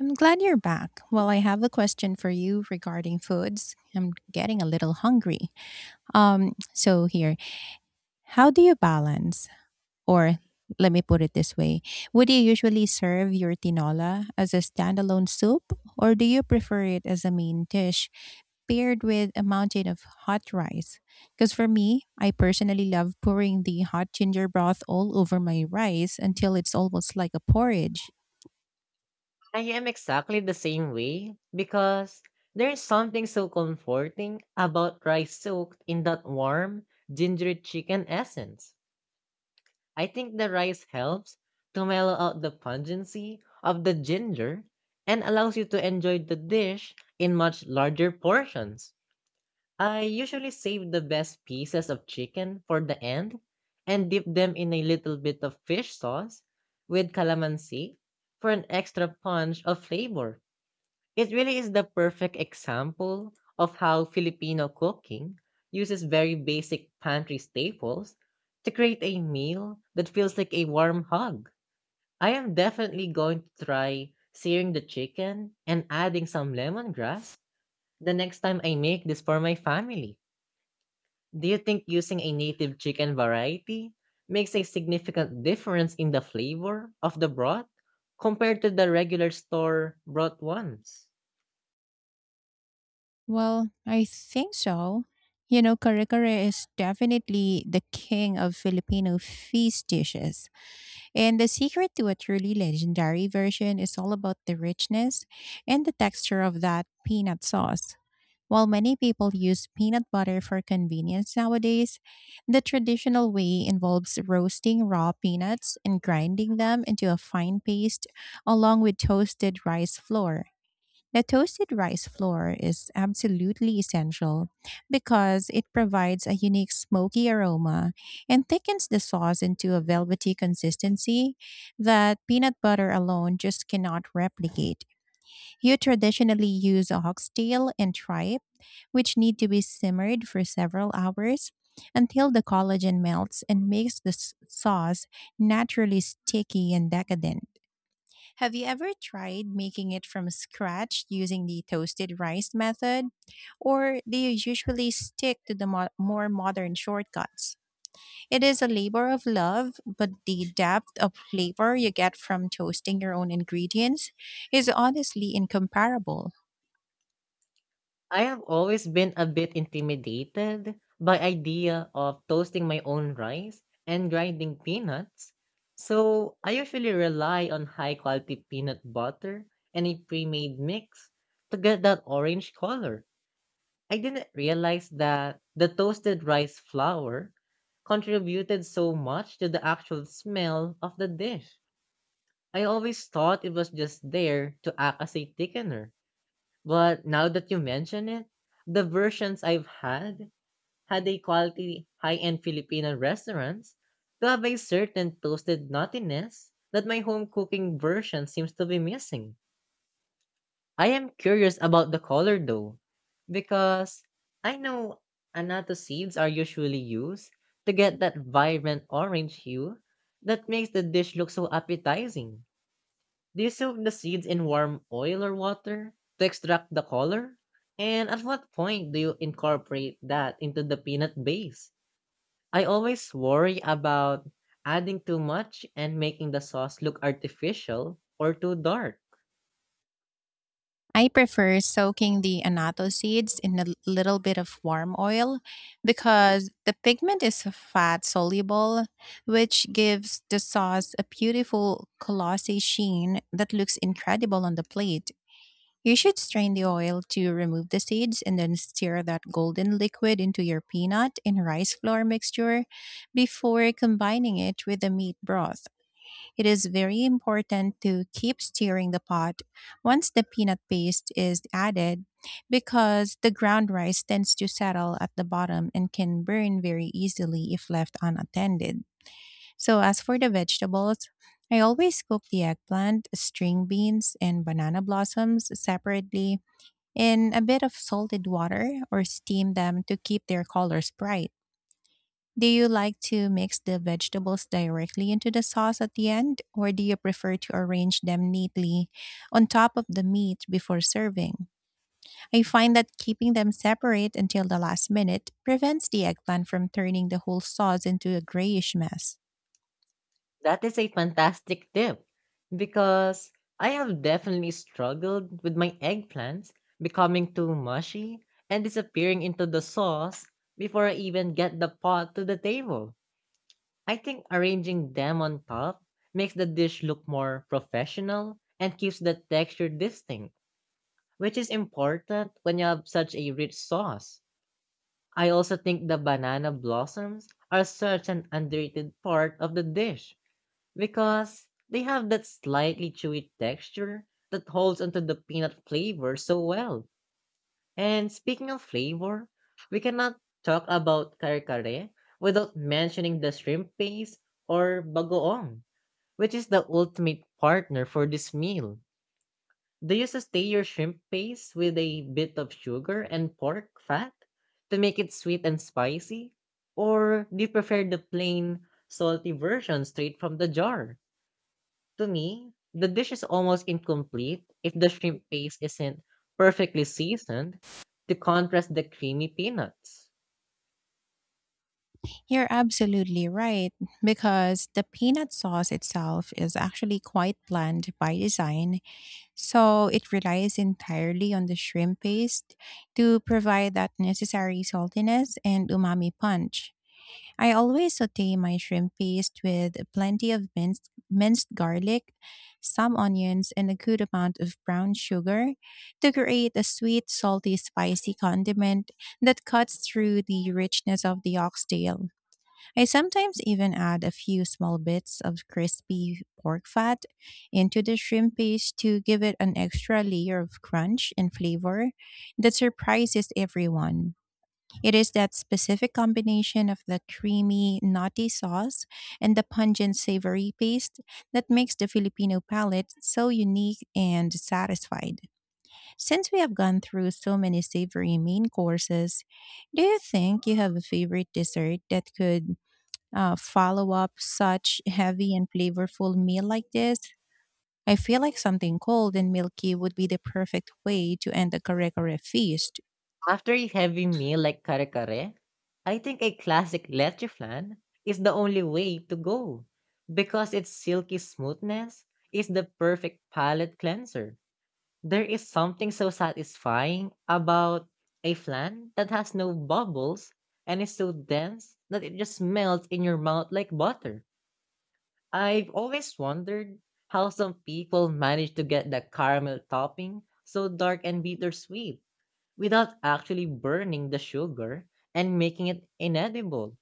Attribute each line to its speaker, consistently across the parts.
Speaker 1: I'm glad you're back. Well, I have a question for you regarding foods. I'm getting a little hungry. So here, how do you balance, or let me put it this way, would you usually serve your tinola as a standalone soup, or do you prefer it as a main dish paired with a mountain of hot rice? Because for me, I personally love pouring the hot ginger broth all over my rice until it's almost like a porridge.
Speaker 2: I am exactly the same way because there's something so comforting about rice soaked in that warm, gingery chicken essence. I think the rice helps to mellow out the pungency of the ginger and allows you to enjoy the dish in much larger portions. I usually save the best pieces of chicken for the end and dip them in a little bit of fish sauce with calamansi for an extra punch of flavor. It really is the perfect example of how Filipino cooking uses very basic pantry staples to create a meal that feels like a warm hug. I am definitely going to try searing the chicken and adding some lemongrass the next time I make this for my family. Do you think using a native chicken variety makes a significant difference in the flavor of the broth compared to the regular store broth ones?
Speaker 1: Well, I think so. You know, kare kare is definitely the king of Filipino feast dishes. And the secret to a truly legendary version is all about the richness and the texture of that peanut sauce. While many people use peanut butter for convenience nowadays, the traditional way involves roasting raw peanuts and grinding them into a fine paste along with toasted rice flour. The toasted rice flour is absolutely essential because it provides a unique smoky aroma and thickens the sauce into a velvety consistency that peanut butter alone just cannot replicate. You traditionally use oxtail and tripe, which need to be simmered for several hours until the collagen melts and makes the sauce naturally sticky and decadent. Have you ever tried making it from scratch using the toasted rice method? Or do you usually stick to the more modern shortcuts? It is a labor of love, but the depth of flavor you get from toasting your own ingredients is honestly incomparable.
Speaker 2: I have always been a bit intimidated by idea of toasting my own rice and grinding peanuts. So, I usually rely on high quality peanut butter and a pre-made mix to get that orange color. I didn't realize that the toasted rice flour contributed so much to the actual smell of the dish. I always thought it was just there to act as a thickener. But now that you mention it, the versions I've had had a quality high end Filipino restaurants to have a certain toasted nuttiness that my home cooking version seems to be missing. I am curious about the color though, because I know annatto seeds are usually used to get that vibrant orange hue that makes the dish look so appetizing. Do you soak the seeds in warm oil or water to extract the color? And at what point do you incorporate that into the peanut base? I always worry about adding too much and making the sauce look artificial or too dark.
Speaker 1: I prefer soaking the annatto seeds in a little bit of warm oil because the pigment is fat soluble, which gives the sauce a beautiful glossy sheen that looks incredible on the plate. You should strain the oil to remove the seeds and then stir that golden liquid into your peanut and rice flour mixture before combining it with the meat broth. It is very important to keep stirring the pot once the peanut paste is added because the ground rice tends to settle at the bottom and can burn very easily if left unattended. So, as for the vegetables, I always cook the eggplant, string beans, and banana blossoms separately in a bit of salted water or steam them to keep their colors bright. Do you like to mix the vegetables directly into the sauce at the end, or do you prefer to arrange them neatly on top of the meat before serving? I find that keeping them separate until the last minute prevents the eggplant from turning the whole sauce into a grayish mess.
Speaker 2: That is a fantastic tip because I have definitely struggled with my eggplants becoming too mushy and disappearing into the sauce before I even get the pot to the table. I think arranging them on top makes the dish look more professional and keeps the texture distinct, which is important when you have such a rich sauce. I also think the banana blossoms are such an underrated part of the dish because they have that slightly chewy texture that holds onto the peanut flavor so well. And speaking of flavor, we cannot talk about kare kare without mentioning the shrimp paste or bagoong, which is the ultimate partner for this meal. Do you sustain your shrimp paste with a bit of sugar and pork fat to make it sweet and spicy? Or do you prefer the plain, salty version straight from the jar? To me, the dish is almost incomplete if the shrimp paste isn't perfectly seasoned to contrast the creamy peanuts.
Speaker 1: You're absolutely right, because the peanut sauce itself is actually quite bland by design. So it relies entirely on the shrimp paste to provide that necessary saltiness and umami punch. I always saute my shrimp paste with plenty of minced garlic, some onions, and a good amount of brown sugar to create a sweet, salty, spicy condiment that cuts through the richness of the oxtail. I sometimes even add a few small bits of crispy pork fat into the shrimp paste to give it an extra layer of crunch and flavor that surprises everyone. It is that specific combination of the creamy, nutty sauce and the pungent, savory paste that makes the Filipino palate so unique and satisfied. Since we have gone through so many savory main courses, do you think you have a favorite dessert that could follow up such heavy and flavorful meal like this? I feel like something cold and milky would be the perfect way to end a Karekare feast.
Speaker 2: After a heavy meal like kare kare, I think a classic leche flan is the only way to go because its silky smoothness is the perfect palate cleanser. There is something so satisfying about a flan that has no bubbles and is so dense that it just melts in your mouth like butter. I've always wondered how some people manage to get the caramel topping so dark and bittersweet without actually burning the sugar and making it inedible.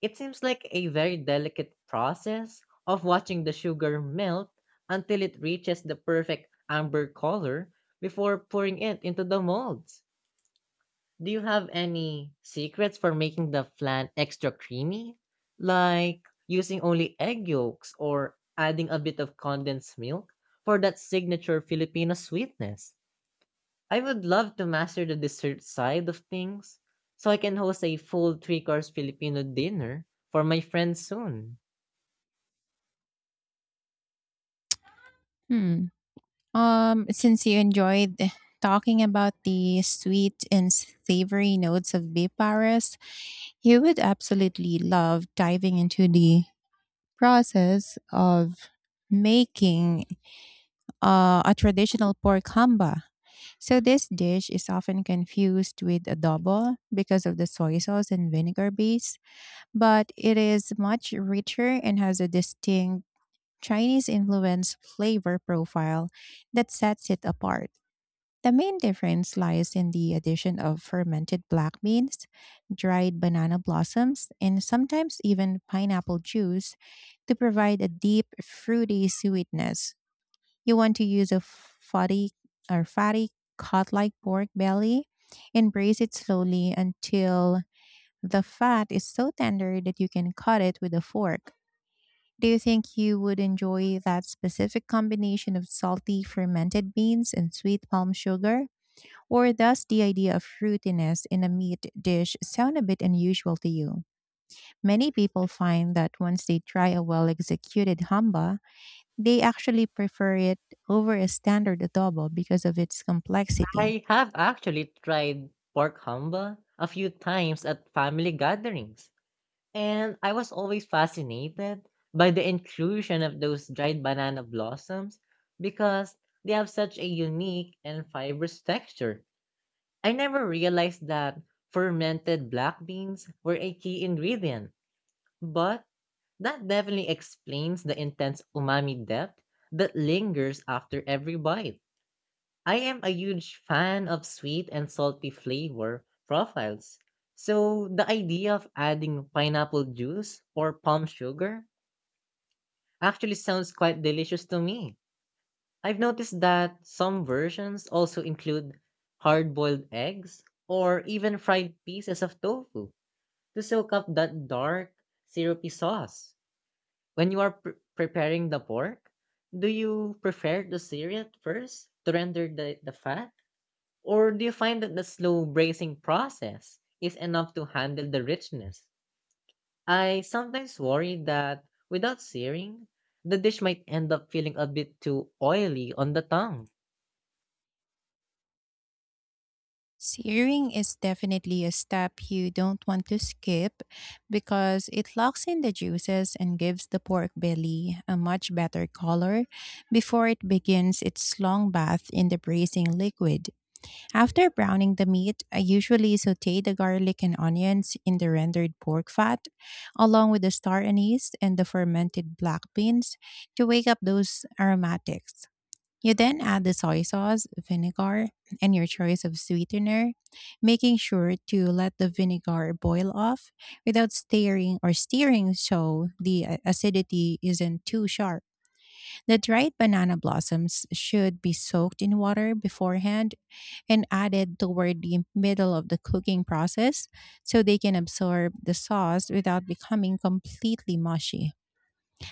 Speaker 2: It seems like a very delicate process of watching the sugar melt until it reaches the perfect amber color before pouring it into the molds. Do you have any secrets for making the flan extra creamy? Like using only egg yolks or adding a bit of condensed milk for that signature Filipino sweetness? I would love to master the dessert side of things so I can host a full three course Filipino dinner for my friends soon.
Speaker 1: Hmm. Since you enjoyed talking about the sweet and savory notes of beef Paris, you would absolutely love diving into the process of making a traditional pork hamba. So this dish is often confused with adobo because of the soy sauce and vinegar base, but it is much richer and has a distinct Chinese influence flavor profile that sets it apart. The main difference lies in the addition of fermented black beans, dried banana blossoms, and sometimes even pineapple juice to provide a deep, fruity sweetness. You want to use a fatty fatty cod-like pork belly and braise it slowly until the fat is so tender that you can cut it with a fork. Do you think you would enjoy that specific combination of salty fermented beans and sweet palm sugar? Or does the idea of fruitiness in a meat dish sound a bit unusual to you? Many people find that once they try a well executed hamba, they actually prefer it over a standard adobo because of its complexity.
Speaker 2: I have actually tried pork hamba a few times at family gatherings and I was always fascinated by the inclusion of those dried banana blossoms because they have such a unique and fibrous texture. I never realized that fermented black beans were a key ingredient, but that definitely explains the intense umami depth that lingers after every bite. I am a huge fan of sweet and salty flavor profiles. So the idea of adding pineapple juice or palm sugar actually sounds quite delicious to me. I've noticed that some versions also include hard boiled eggs or even fried pieces of tofu to soak up that dark, syrupy sauce. When you are preparing the pork, do you prefer to sear it first to render the fat? Or do you find that the slow bracing process is enough to handle the richness? I sometimes worry that without searing, the dish might end up feeling a bit too oily on the tongue.
Speaker 1: Searing is definitely a step you don't want to skip because it locks in the juices and gives the pork belly a much better color before it begins its long bath in the bracing liquid. After browning the meat, I usually saute the garlic and onions in the rendered pork fat, along with the star anise and the fermented black beans to wake up those aromatics. You then add the soy sauce, vinegar, and your choice of sweetener, making sure to let the vinegar boil off without stirring so the acidity isn't too sharp. The dried banana blossoms should be soaked in water beforehand and added toward the middle of the cooking process so they can absorb the sauce without becoming completely mushy.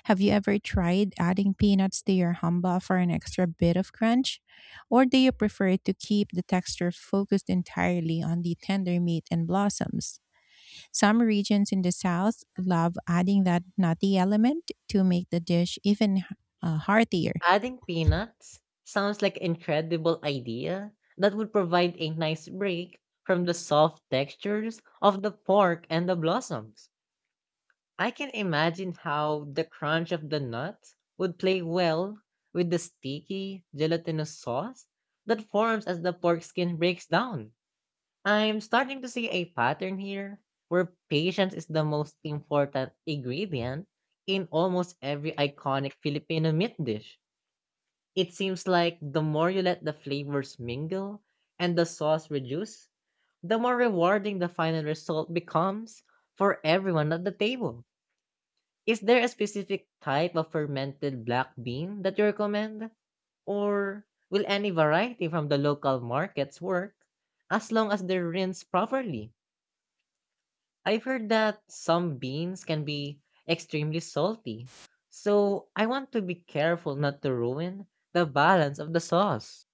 Speaker 1: Have you ever tried adding peanuts to your humba for an extra bit of crunch? Or do you prefer to keep the texture focused entirely on the tender meat and blossoms? Some regions in the South love adding that nutty element to make the dish even heartier.
Speaker 2: Adding peanuts sounds like an incredible idea that would provide a nice break from the soft textures of the pork and the blossoms. I can imagine how the crunch of the nut would play well with the sticky, gelatinous sauce that forms as the pork skin breaks down. I'm starting to see a pattern here where patience is the most important ingredient in almost every iconic Filipino meat dish. It seems like the more you let the flavors mingle and the sauce reduce, the more rewarding the final result becomes for everyone at the table. Is there a specific type of fermented black bean that you recommend? Or will any variety from the local markets work as long as they're rinsed properly? I've heard that some beans can be extremely salty, so I want to be careful not to ruin the balance of the sauce.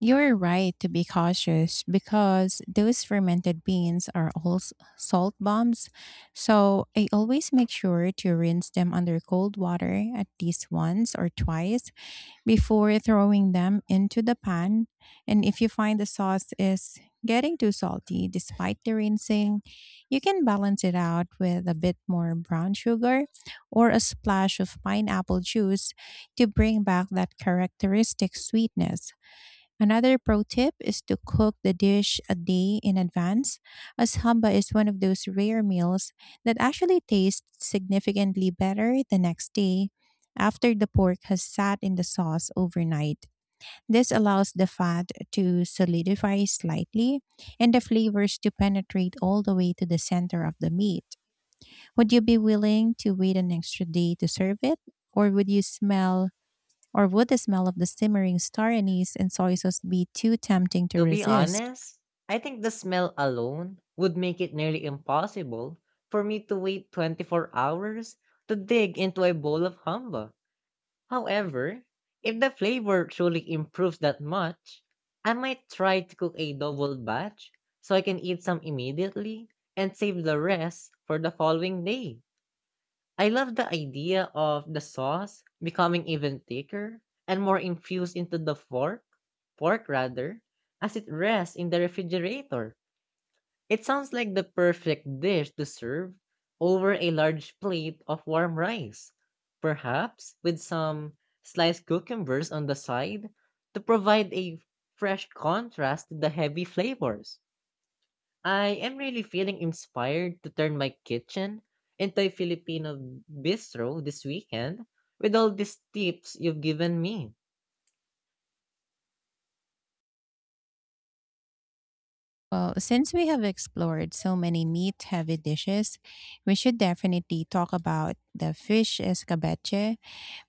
Speaker 1: You're right to be cautious because those fermented beans are all salt bombs. So I always make sure to rinse them under cold water at least once or twice before throwing them into the pan. And if you find the sauce is getting too salty despite the rinsing, you can balance it out with a bit more brown sugar or a splash of pineapple juice to bring back that characteristic sweetness. Another pro tip is to cook the dish a day in advance, as hamba is one of those rare meals that actually tastes significantly better the next day after the pork has sat in the sauce overnight. This allows the fat to solidify slightly and the flavors to penetrate all the way to the center of the meat. Would you be willing to wait an extra day to serve it? Or would you smell or would the smell of the simmering star anise and soy sauce be too tempting to
Speaker 2: To be
Speaker 1: resist?
Speaker 2: honest, I think the smell alone would make it nearly impossible for me to wait 24 hours to dig into a bowl of humba. However, if the flavor truly improves that much, I might try to cook a double batch so I can eat some immediately and save the rest for the following day. I love the idea of the sauce becoming even thicker and more infused into the fork, pork rather, as it rests in the refrigerator. It sounds like the perfect dish to serve over a large plate of warm rice, perhaps with some sliced cucumbers on the side to provide a fresh contrast to the heavy flavors. I am really feeling inspired to turn my kitchen into a Filipino bistro this weekend with all these tips you've given me.
Speaker 1: Well, since we have explored so many meat heavy dishes, we should definitely talk about the fish escabeche,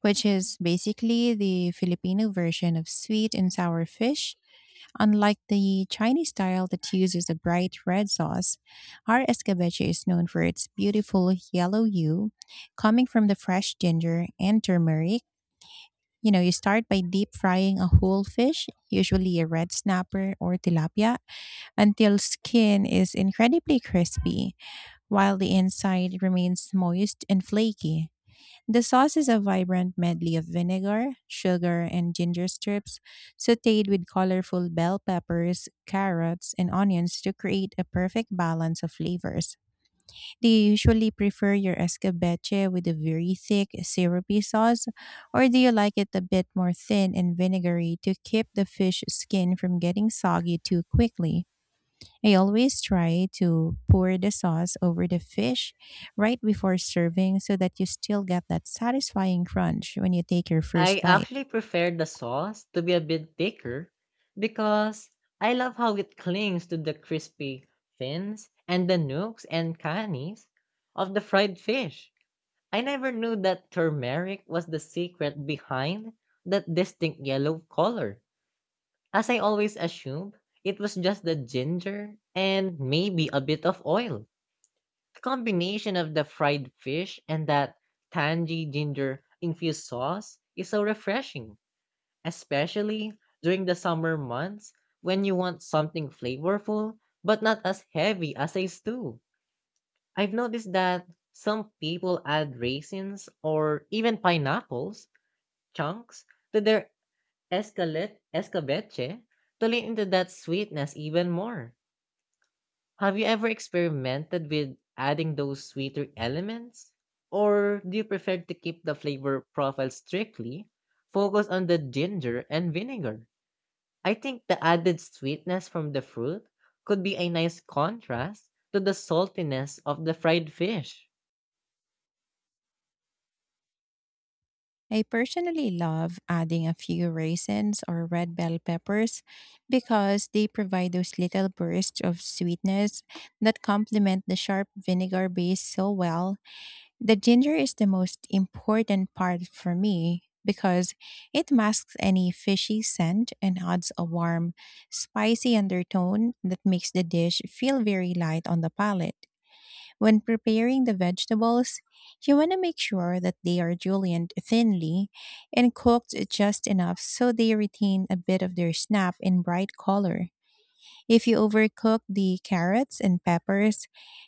Speaker 1: which is basically the Filipino version of sweet and sour fish. Unlike the Chinese style that uses a bright red sauce, our escabeche is known for its beautiful yellow hue coming from the fresh ginger and turmeric. You know, you start by deep frying a whole fish, usually a red snapper or tilapia, until skin is incredibly crispy, while the inside remains moist and flaky. The sauce is a vibrant medley of vinegar, sugar, and ginger strips, sauteed with colorful bell peppers, carrots, and onions to create a perfect balance of flavors. Do you usually prefer your escabeche with a very thick, syrupy sauce, or do you like it a bit more thin and vinegary to keep the fish skin from getting soggy too quickly? I always try to pour the sauce over the fish right before serving so that you still get that satisfying crunch when you take your
Speaker 2: I
Speaker 1: first bite.
Speaker 2: actually prefer the sauce to be a bit thicker because I love how it clings to the crispy fins and the nooks and crannies of the fried fish. I never knew that turmeric was the secret behind that distinct yellow color, as I always assumed it was just the ginger and maybe a bit of oil. The combination of the fried fish and that tangy ginger infused sauce is so refreshing especially during the summer months when you want something flavorful but not as heavy as a stew. I've noticed that some people add raisins or even pineapples chunks to their escalet escabeche to lean into that sweetness even more. Have you ever experimented with adding those sweeter elements? Or do you prefer to keep the flavor profile strictly focused on the ginger and vinegar? I think the added sweetness from the fruit could be a nice contrast to the saltiness of the fried fish.
Speaker 1: I personally love adding a few raisins or red bell peppers because they provide those little bursts of sweetness that complement the sharp vinegar base so well. The ginger is the most important part for me because it masks any fishy scent and adds a warm, spicy undertone that makes the dish feel very light on the palate. When preparing the vegetables, you want to make sure that they are julienned thinly and cooked just enough so they retain a bit of their snap and bright color. If you overcook the carrots and peppers,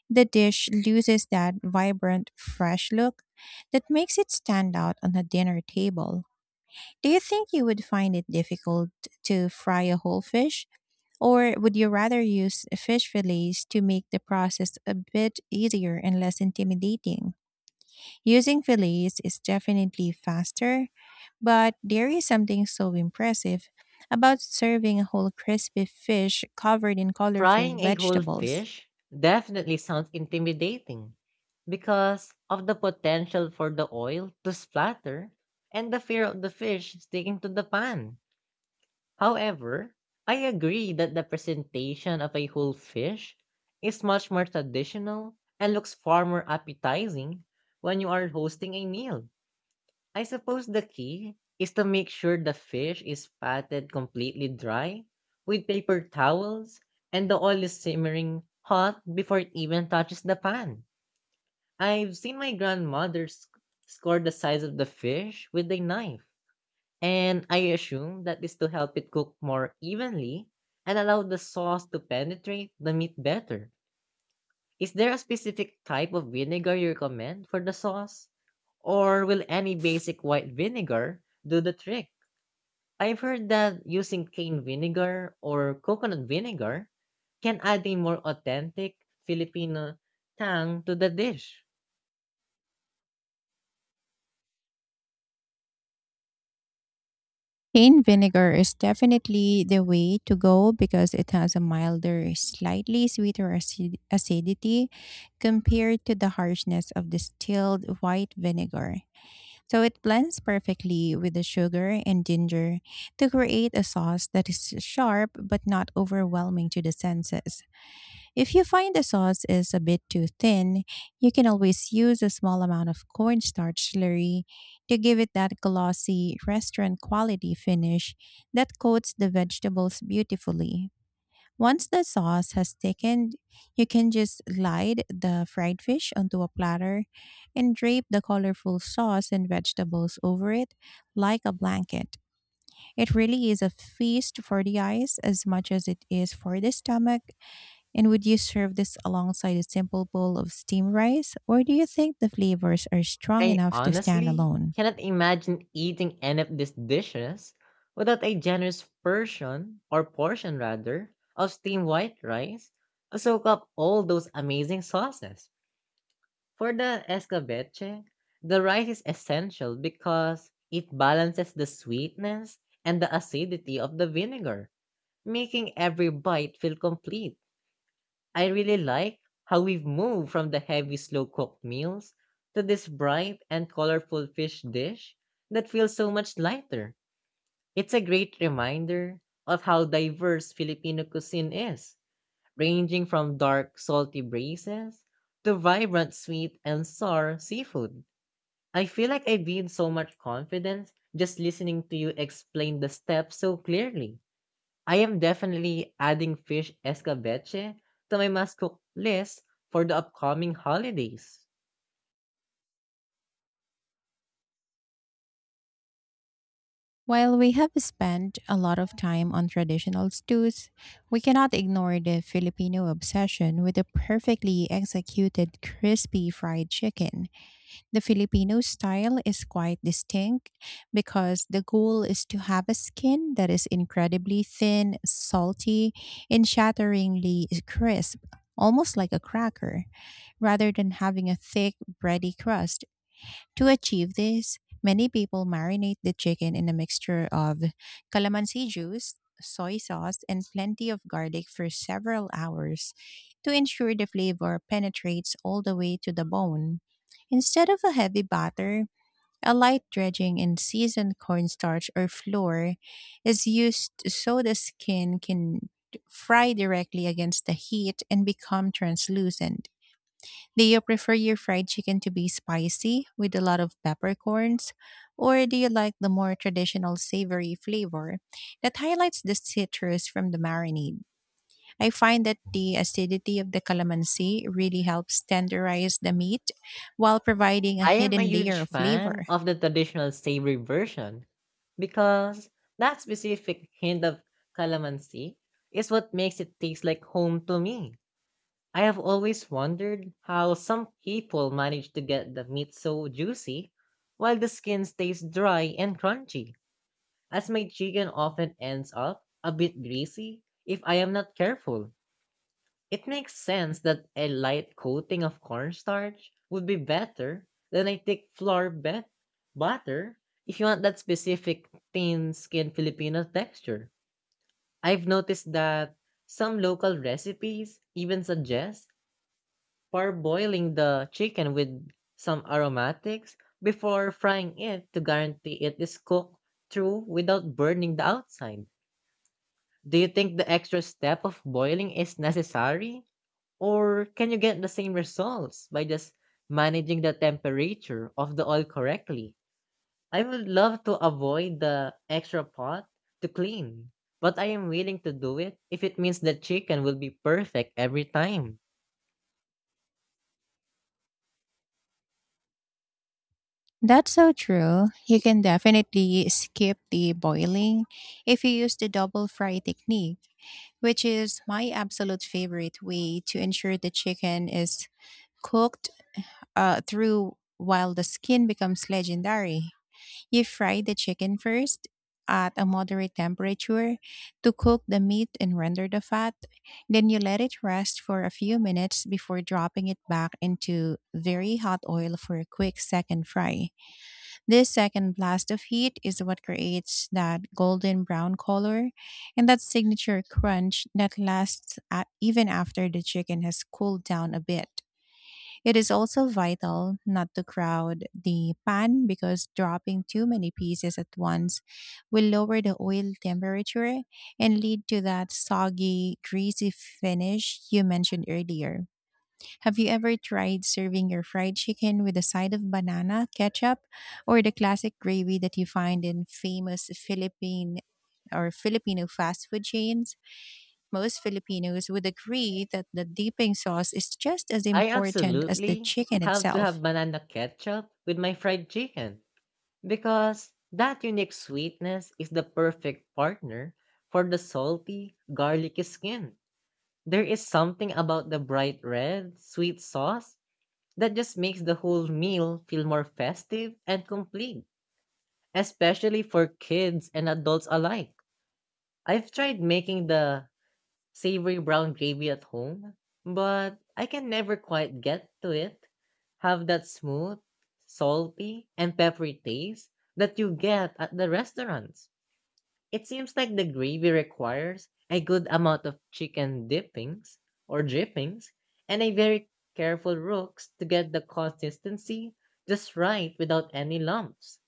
Speaker 1: the dish loses that vibrant, fresh look that makes it stand out on a dinner table. Do you think you would find it difficult to fry a whole fish? Or would you rather use fish fillets to make the process a bit easier and less intimidating? Using fillets is definitely faster, but there is something so impressive about serving a whole crispy fish covered in colorful
Speaker 2: Frying a whole
Speaker 1: vegetables.
Speaker 2: fish definitely sounds intimidating because of the potential for the oil to splatter and the fear of the fish sticking to the pan. However, I agree that the presentation of a whole fish is much more traditional and looks far more appetizing when you are hosting a meal. I suppose the key is to make sure the fish is patted completely dry with paper towels and the oil is simmering hot before it even touches the pan. I've seen my grandmother score the size of the fish with a knife, and I assume that is to help it cook more evenly and allow the sauce to penetrate the meat better. Is there a specific type of vinegar you recommend for the sauce? Or will any basic white vinegar do the trick? I've heard that using cane vinegar or coconut vinegar can add a more authentic Filipino tang to the dish.
Speaker 1: Cane vinegar is definitely the way to go because it has a milder, slightly sweeter acidity compared to the harshness of distilled white vinegar. So it blends perfectly with the sugar and ginger to create a sauce that is sharp but not overwhelming to the senses. If you find the sauce is a bit too thin, you can always use a small amount of cornstarch slurry to give it that glossy restaurant quality finish that coats the vegetables beautifully. Once the sauce has thickened, you can just glide the fried fish onto a platter and drape the colorful sauce and vegetables over it like a blanket. It really is a feast for the eyes as much as it is for the stomach. And would you serve this alongside a simple bowl of steamed rice, or do you think the flavors are strong
Speaker 2: I
Speaker 1: enough to stand
Speaker 2: honestly
Speaker 1: alone?
Speaker 2: cannot imagine eating any of these dishes without a generous portion, or portion rather, of steamed white rice to soak up all those amazing sauces. For the escabeche, the rice is essential because it balances the sweetness and the acidity of the vinegar, making every bite feel complete. I really like how we've moved from the heavy, slow cooked meals to this bright and colorful fish dish that feels so much lighter. It's a great reminder of how diverse Filipino cuisine is, ranging from dark, salty breezes to vibrant, sweet, and sour seafood. I feel like I gained so much confidence just listening to you explain the steps so clearly. I am definitely adding fish escabeche to my must cook list for the upcoming holidays.
Speaker 1: While we have spent a lot of time on traditional stews, we cannot ignore the Filipino obsession with a perfectly executed crispy fried chicken. The Filipino style is quite distinct because the goal is to have a skin that is incredibly thin, salty, and shatteringly crisp. Almost like a cracker, rather than having a thick, bready crust to achieve this, many people marinate the chicken in a mixture of calamansi juice, soy sauce, and plenty of garlic for several hours to ensure the flavor penetrates all the way to the bone. Instead of a heavy batter, a light dredging in seasoned cornstarch or flour is used so the skin can fry directly against the heat and become translucent. Do you prefer your fried chicken to be spicy with a lot of peppercorns? Or do you like the more traditional savory flavor that highlights the citrus from the marinade? I find that the acidity of the calamansi really helps tenderize the meat while providing a
Speaker 2: I am a
Speaker 1: hidden layer
Speaker 2: huge
Speaker 1: of
Speaker 2: fan
Speaker 1: flavor.
Speaker 2: of the traditional savory version because that specific hint of calamansi is what makes it taste like home to me. I have always wondered how some people manage to get the meat so juicy while the skin stays dry and crunchy, as my chicken often ends up a bit greasy if I am not careful. It makes sense that a light coating of cornstarch would be better than a thick flour bet- butter if you want that specific thin skin Filipino texture. I've noticed that some local recipes even suggest parboiling the chicken with some aromatics before frying it to guarantee it is cooked through without burning the outside. Do you think the extra step of boiling is necessary? Or can you get the same results by just managing the temperature of the oil correctly? I would love to avoid the extra pot to clean, but I am willing to do it if it means the chicken will be perfect every time.
Speaker 1: That's so true. You can definitely skip the boiling if you use the double fry technique, which is my absolute favorite way to ensure the chicken is cooked through while the skin becomes legendary. You fry the chicken first at a moderate temperature to cook the meat and render the fat. Then you let it rest for a few minutes before dropping it back into very hot oil for a quick second fry. This second blast of heat is what creates that golden brown color and that signature crunch that lasts a even after the chicken has cooled down a bit. It is also vital not to crowd the pan because dropping too many pieces at once will lower the oil temperature and lead to that soggy, greasy finish you mentioned earlier. Have you ever tried serving your fried chicken with a side of banana, ketchup, or the classic gravy that you find in famous Philippine or Filipino fast food chains? Most Filipinos would agree that the dipping sauce is just as
Speaker 2: I
Speaker 1: important as the
Speaker 2: absolutely
Speaker 1: chicken
Speaker 2: have to have
Speaker 1: itself.
Speaker 2: banana ketchup with my fried chicken because that unique sweetness is the perfect partner for the salty, garlicky skin. There is something about the bright red, sweet sauce that just makes the whole meal feel more festive and complete, especially for kids and adults alike. I've tried making the savory brown gravy at home, but I can never quite get to it. Have that smooth, salty, and peppery taste that you get at the restaurants. It seems like the gravy requires a good amount of chicken dippings or drippings and a very careful rooks to get the consistency just right without any lumps.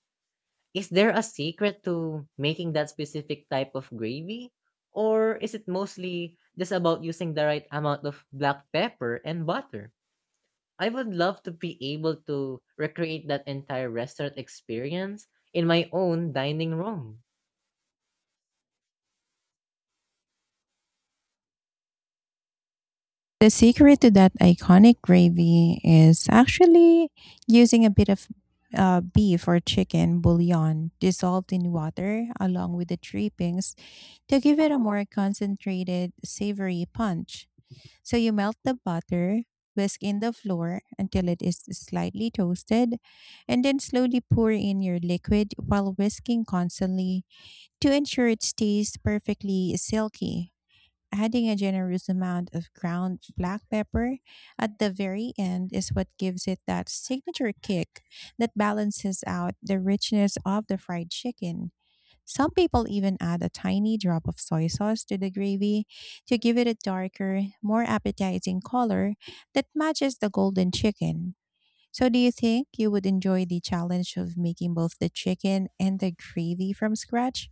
Speaker 2: Is there a secret to making that specific type of gravy? Or is it mostly just about using the right amount of black pepper and butter? I would love to be able to recreate that entire restaurant experience in my own dining room.
Speaker 1: The secret to that iconic gravy is actually using a bit of beef or chicken bouillon dissolved in water along with the drippings to give it a more concentrated, savory punch. So you melt the butter, whisk in the flour until it is slightly toasted, and then slowly pour in your liquid while whisking constantly to ensure it stays perfectly silky, adding a generous amount of ground black pepper at the very end is what gives it that signature kick that balances out the richness of the fried chicken. Some people even add a tiny drop of soy sauce to the gravy to give it a darker, more appetizing color that matches the golden chicken. So, do you think you would enjoy the challenge of making both the chicken and the gravy from scratch?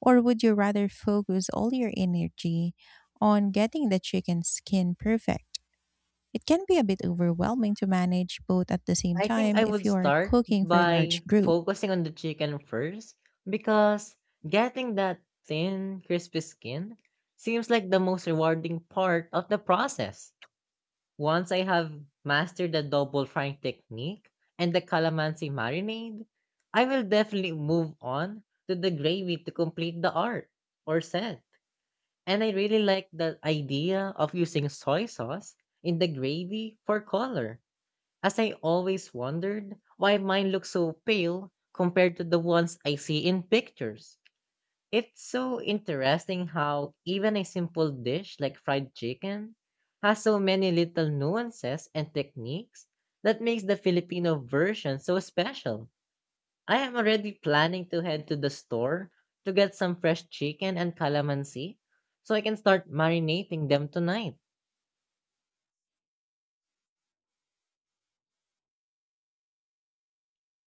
Speaker 1: Or would you rather focus all your energy on getting the chicken skin perfect? It can be a bit overwhelming to manage both at the same
Speaker 2: I think
Speaker 1: time
Speaker 2: I
Speaker 1: if
Speaker 2: would
Speaker 1: you are
Speaker 2: start
Speaker 1: cooking for a
Speaker 2: by
Speaker 1: large group.
Speaker 2: focusing on the chicken first because getting that thin, crispy skin seems like the most rewarding part of the process. Once I have mastered the double frying technique and the calamansi marinade, I will definitely move on to the gravy to complete the art or set. And I really like the idea of using soy sauce in the gravy for color, as I always wondered why mine looks so pale compared to the ones I see in pictures. It's so interesting how even a simple dish like fried chicken has so many little nuances and techniques that makes the Filipino version so special. I am already planning to head to the store to get some fresh chicken and calamansi so I can start marinating them tonight.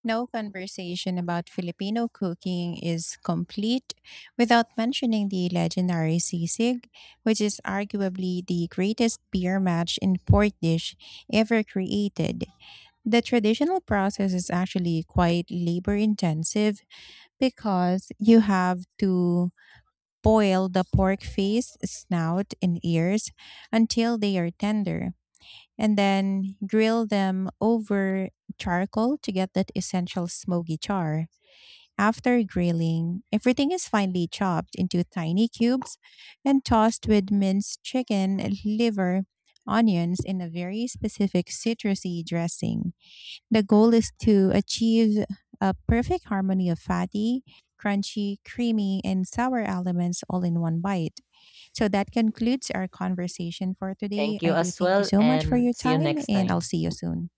Speaker 1: No conversation about Filipino cooking is complete without mentioning the legendary sisig, which is arguably the greatest beer match in port dish ever created. The traditional process is actually quite labor intensive, because you have to boil the pork face, snout, and ears until they are tender, and then grill them over charcoal to get that essential smoky char. After grilling, everything is finely chopped into tiny cubes and tossed with minced chicken, liver, onions, and a very specific citrusy dressing. The goal is to achieve a perfect harmony of fatty, crunchy, creamy, and sour elements all in one bite. So that concludes our conversation for today.
Speaker 2: Thank
Speaker 1: I
Speaker 2: you
Speaker 1: do
Speaker 2: as
Speaker 1: thank you
Speaker 2: well
Speaker 1: so much for
Speaker 2: and
Speaker 1: your
Speaker 2: see you
Speaker 1: time,
Speaker 2: next
Speaker 1: and I'll
Speaker 2: time.
Speaker 1: see you soon.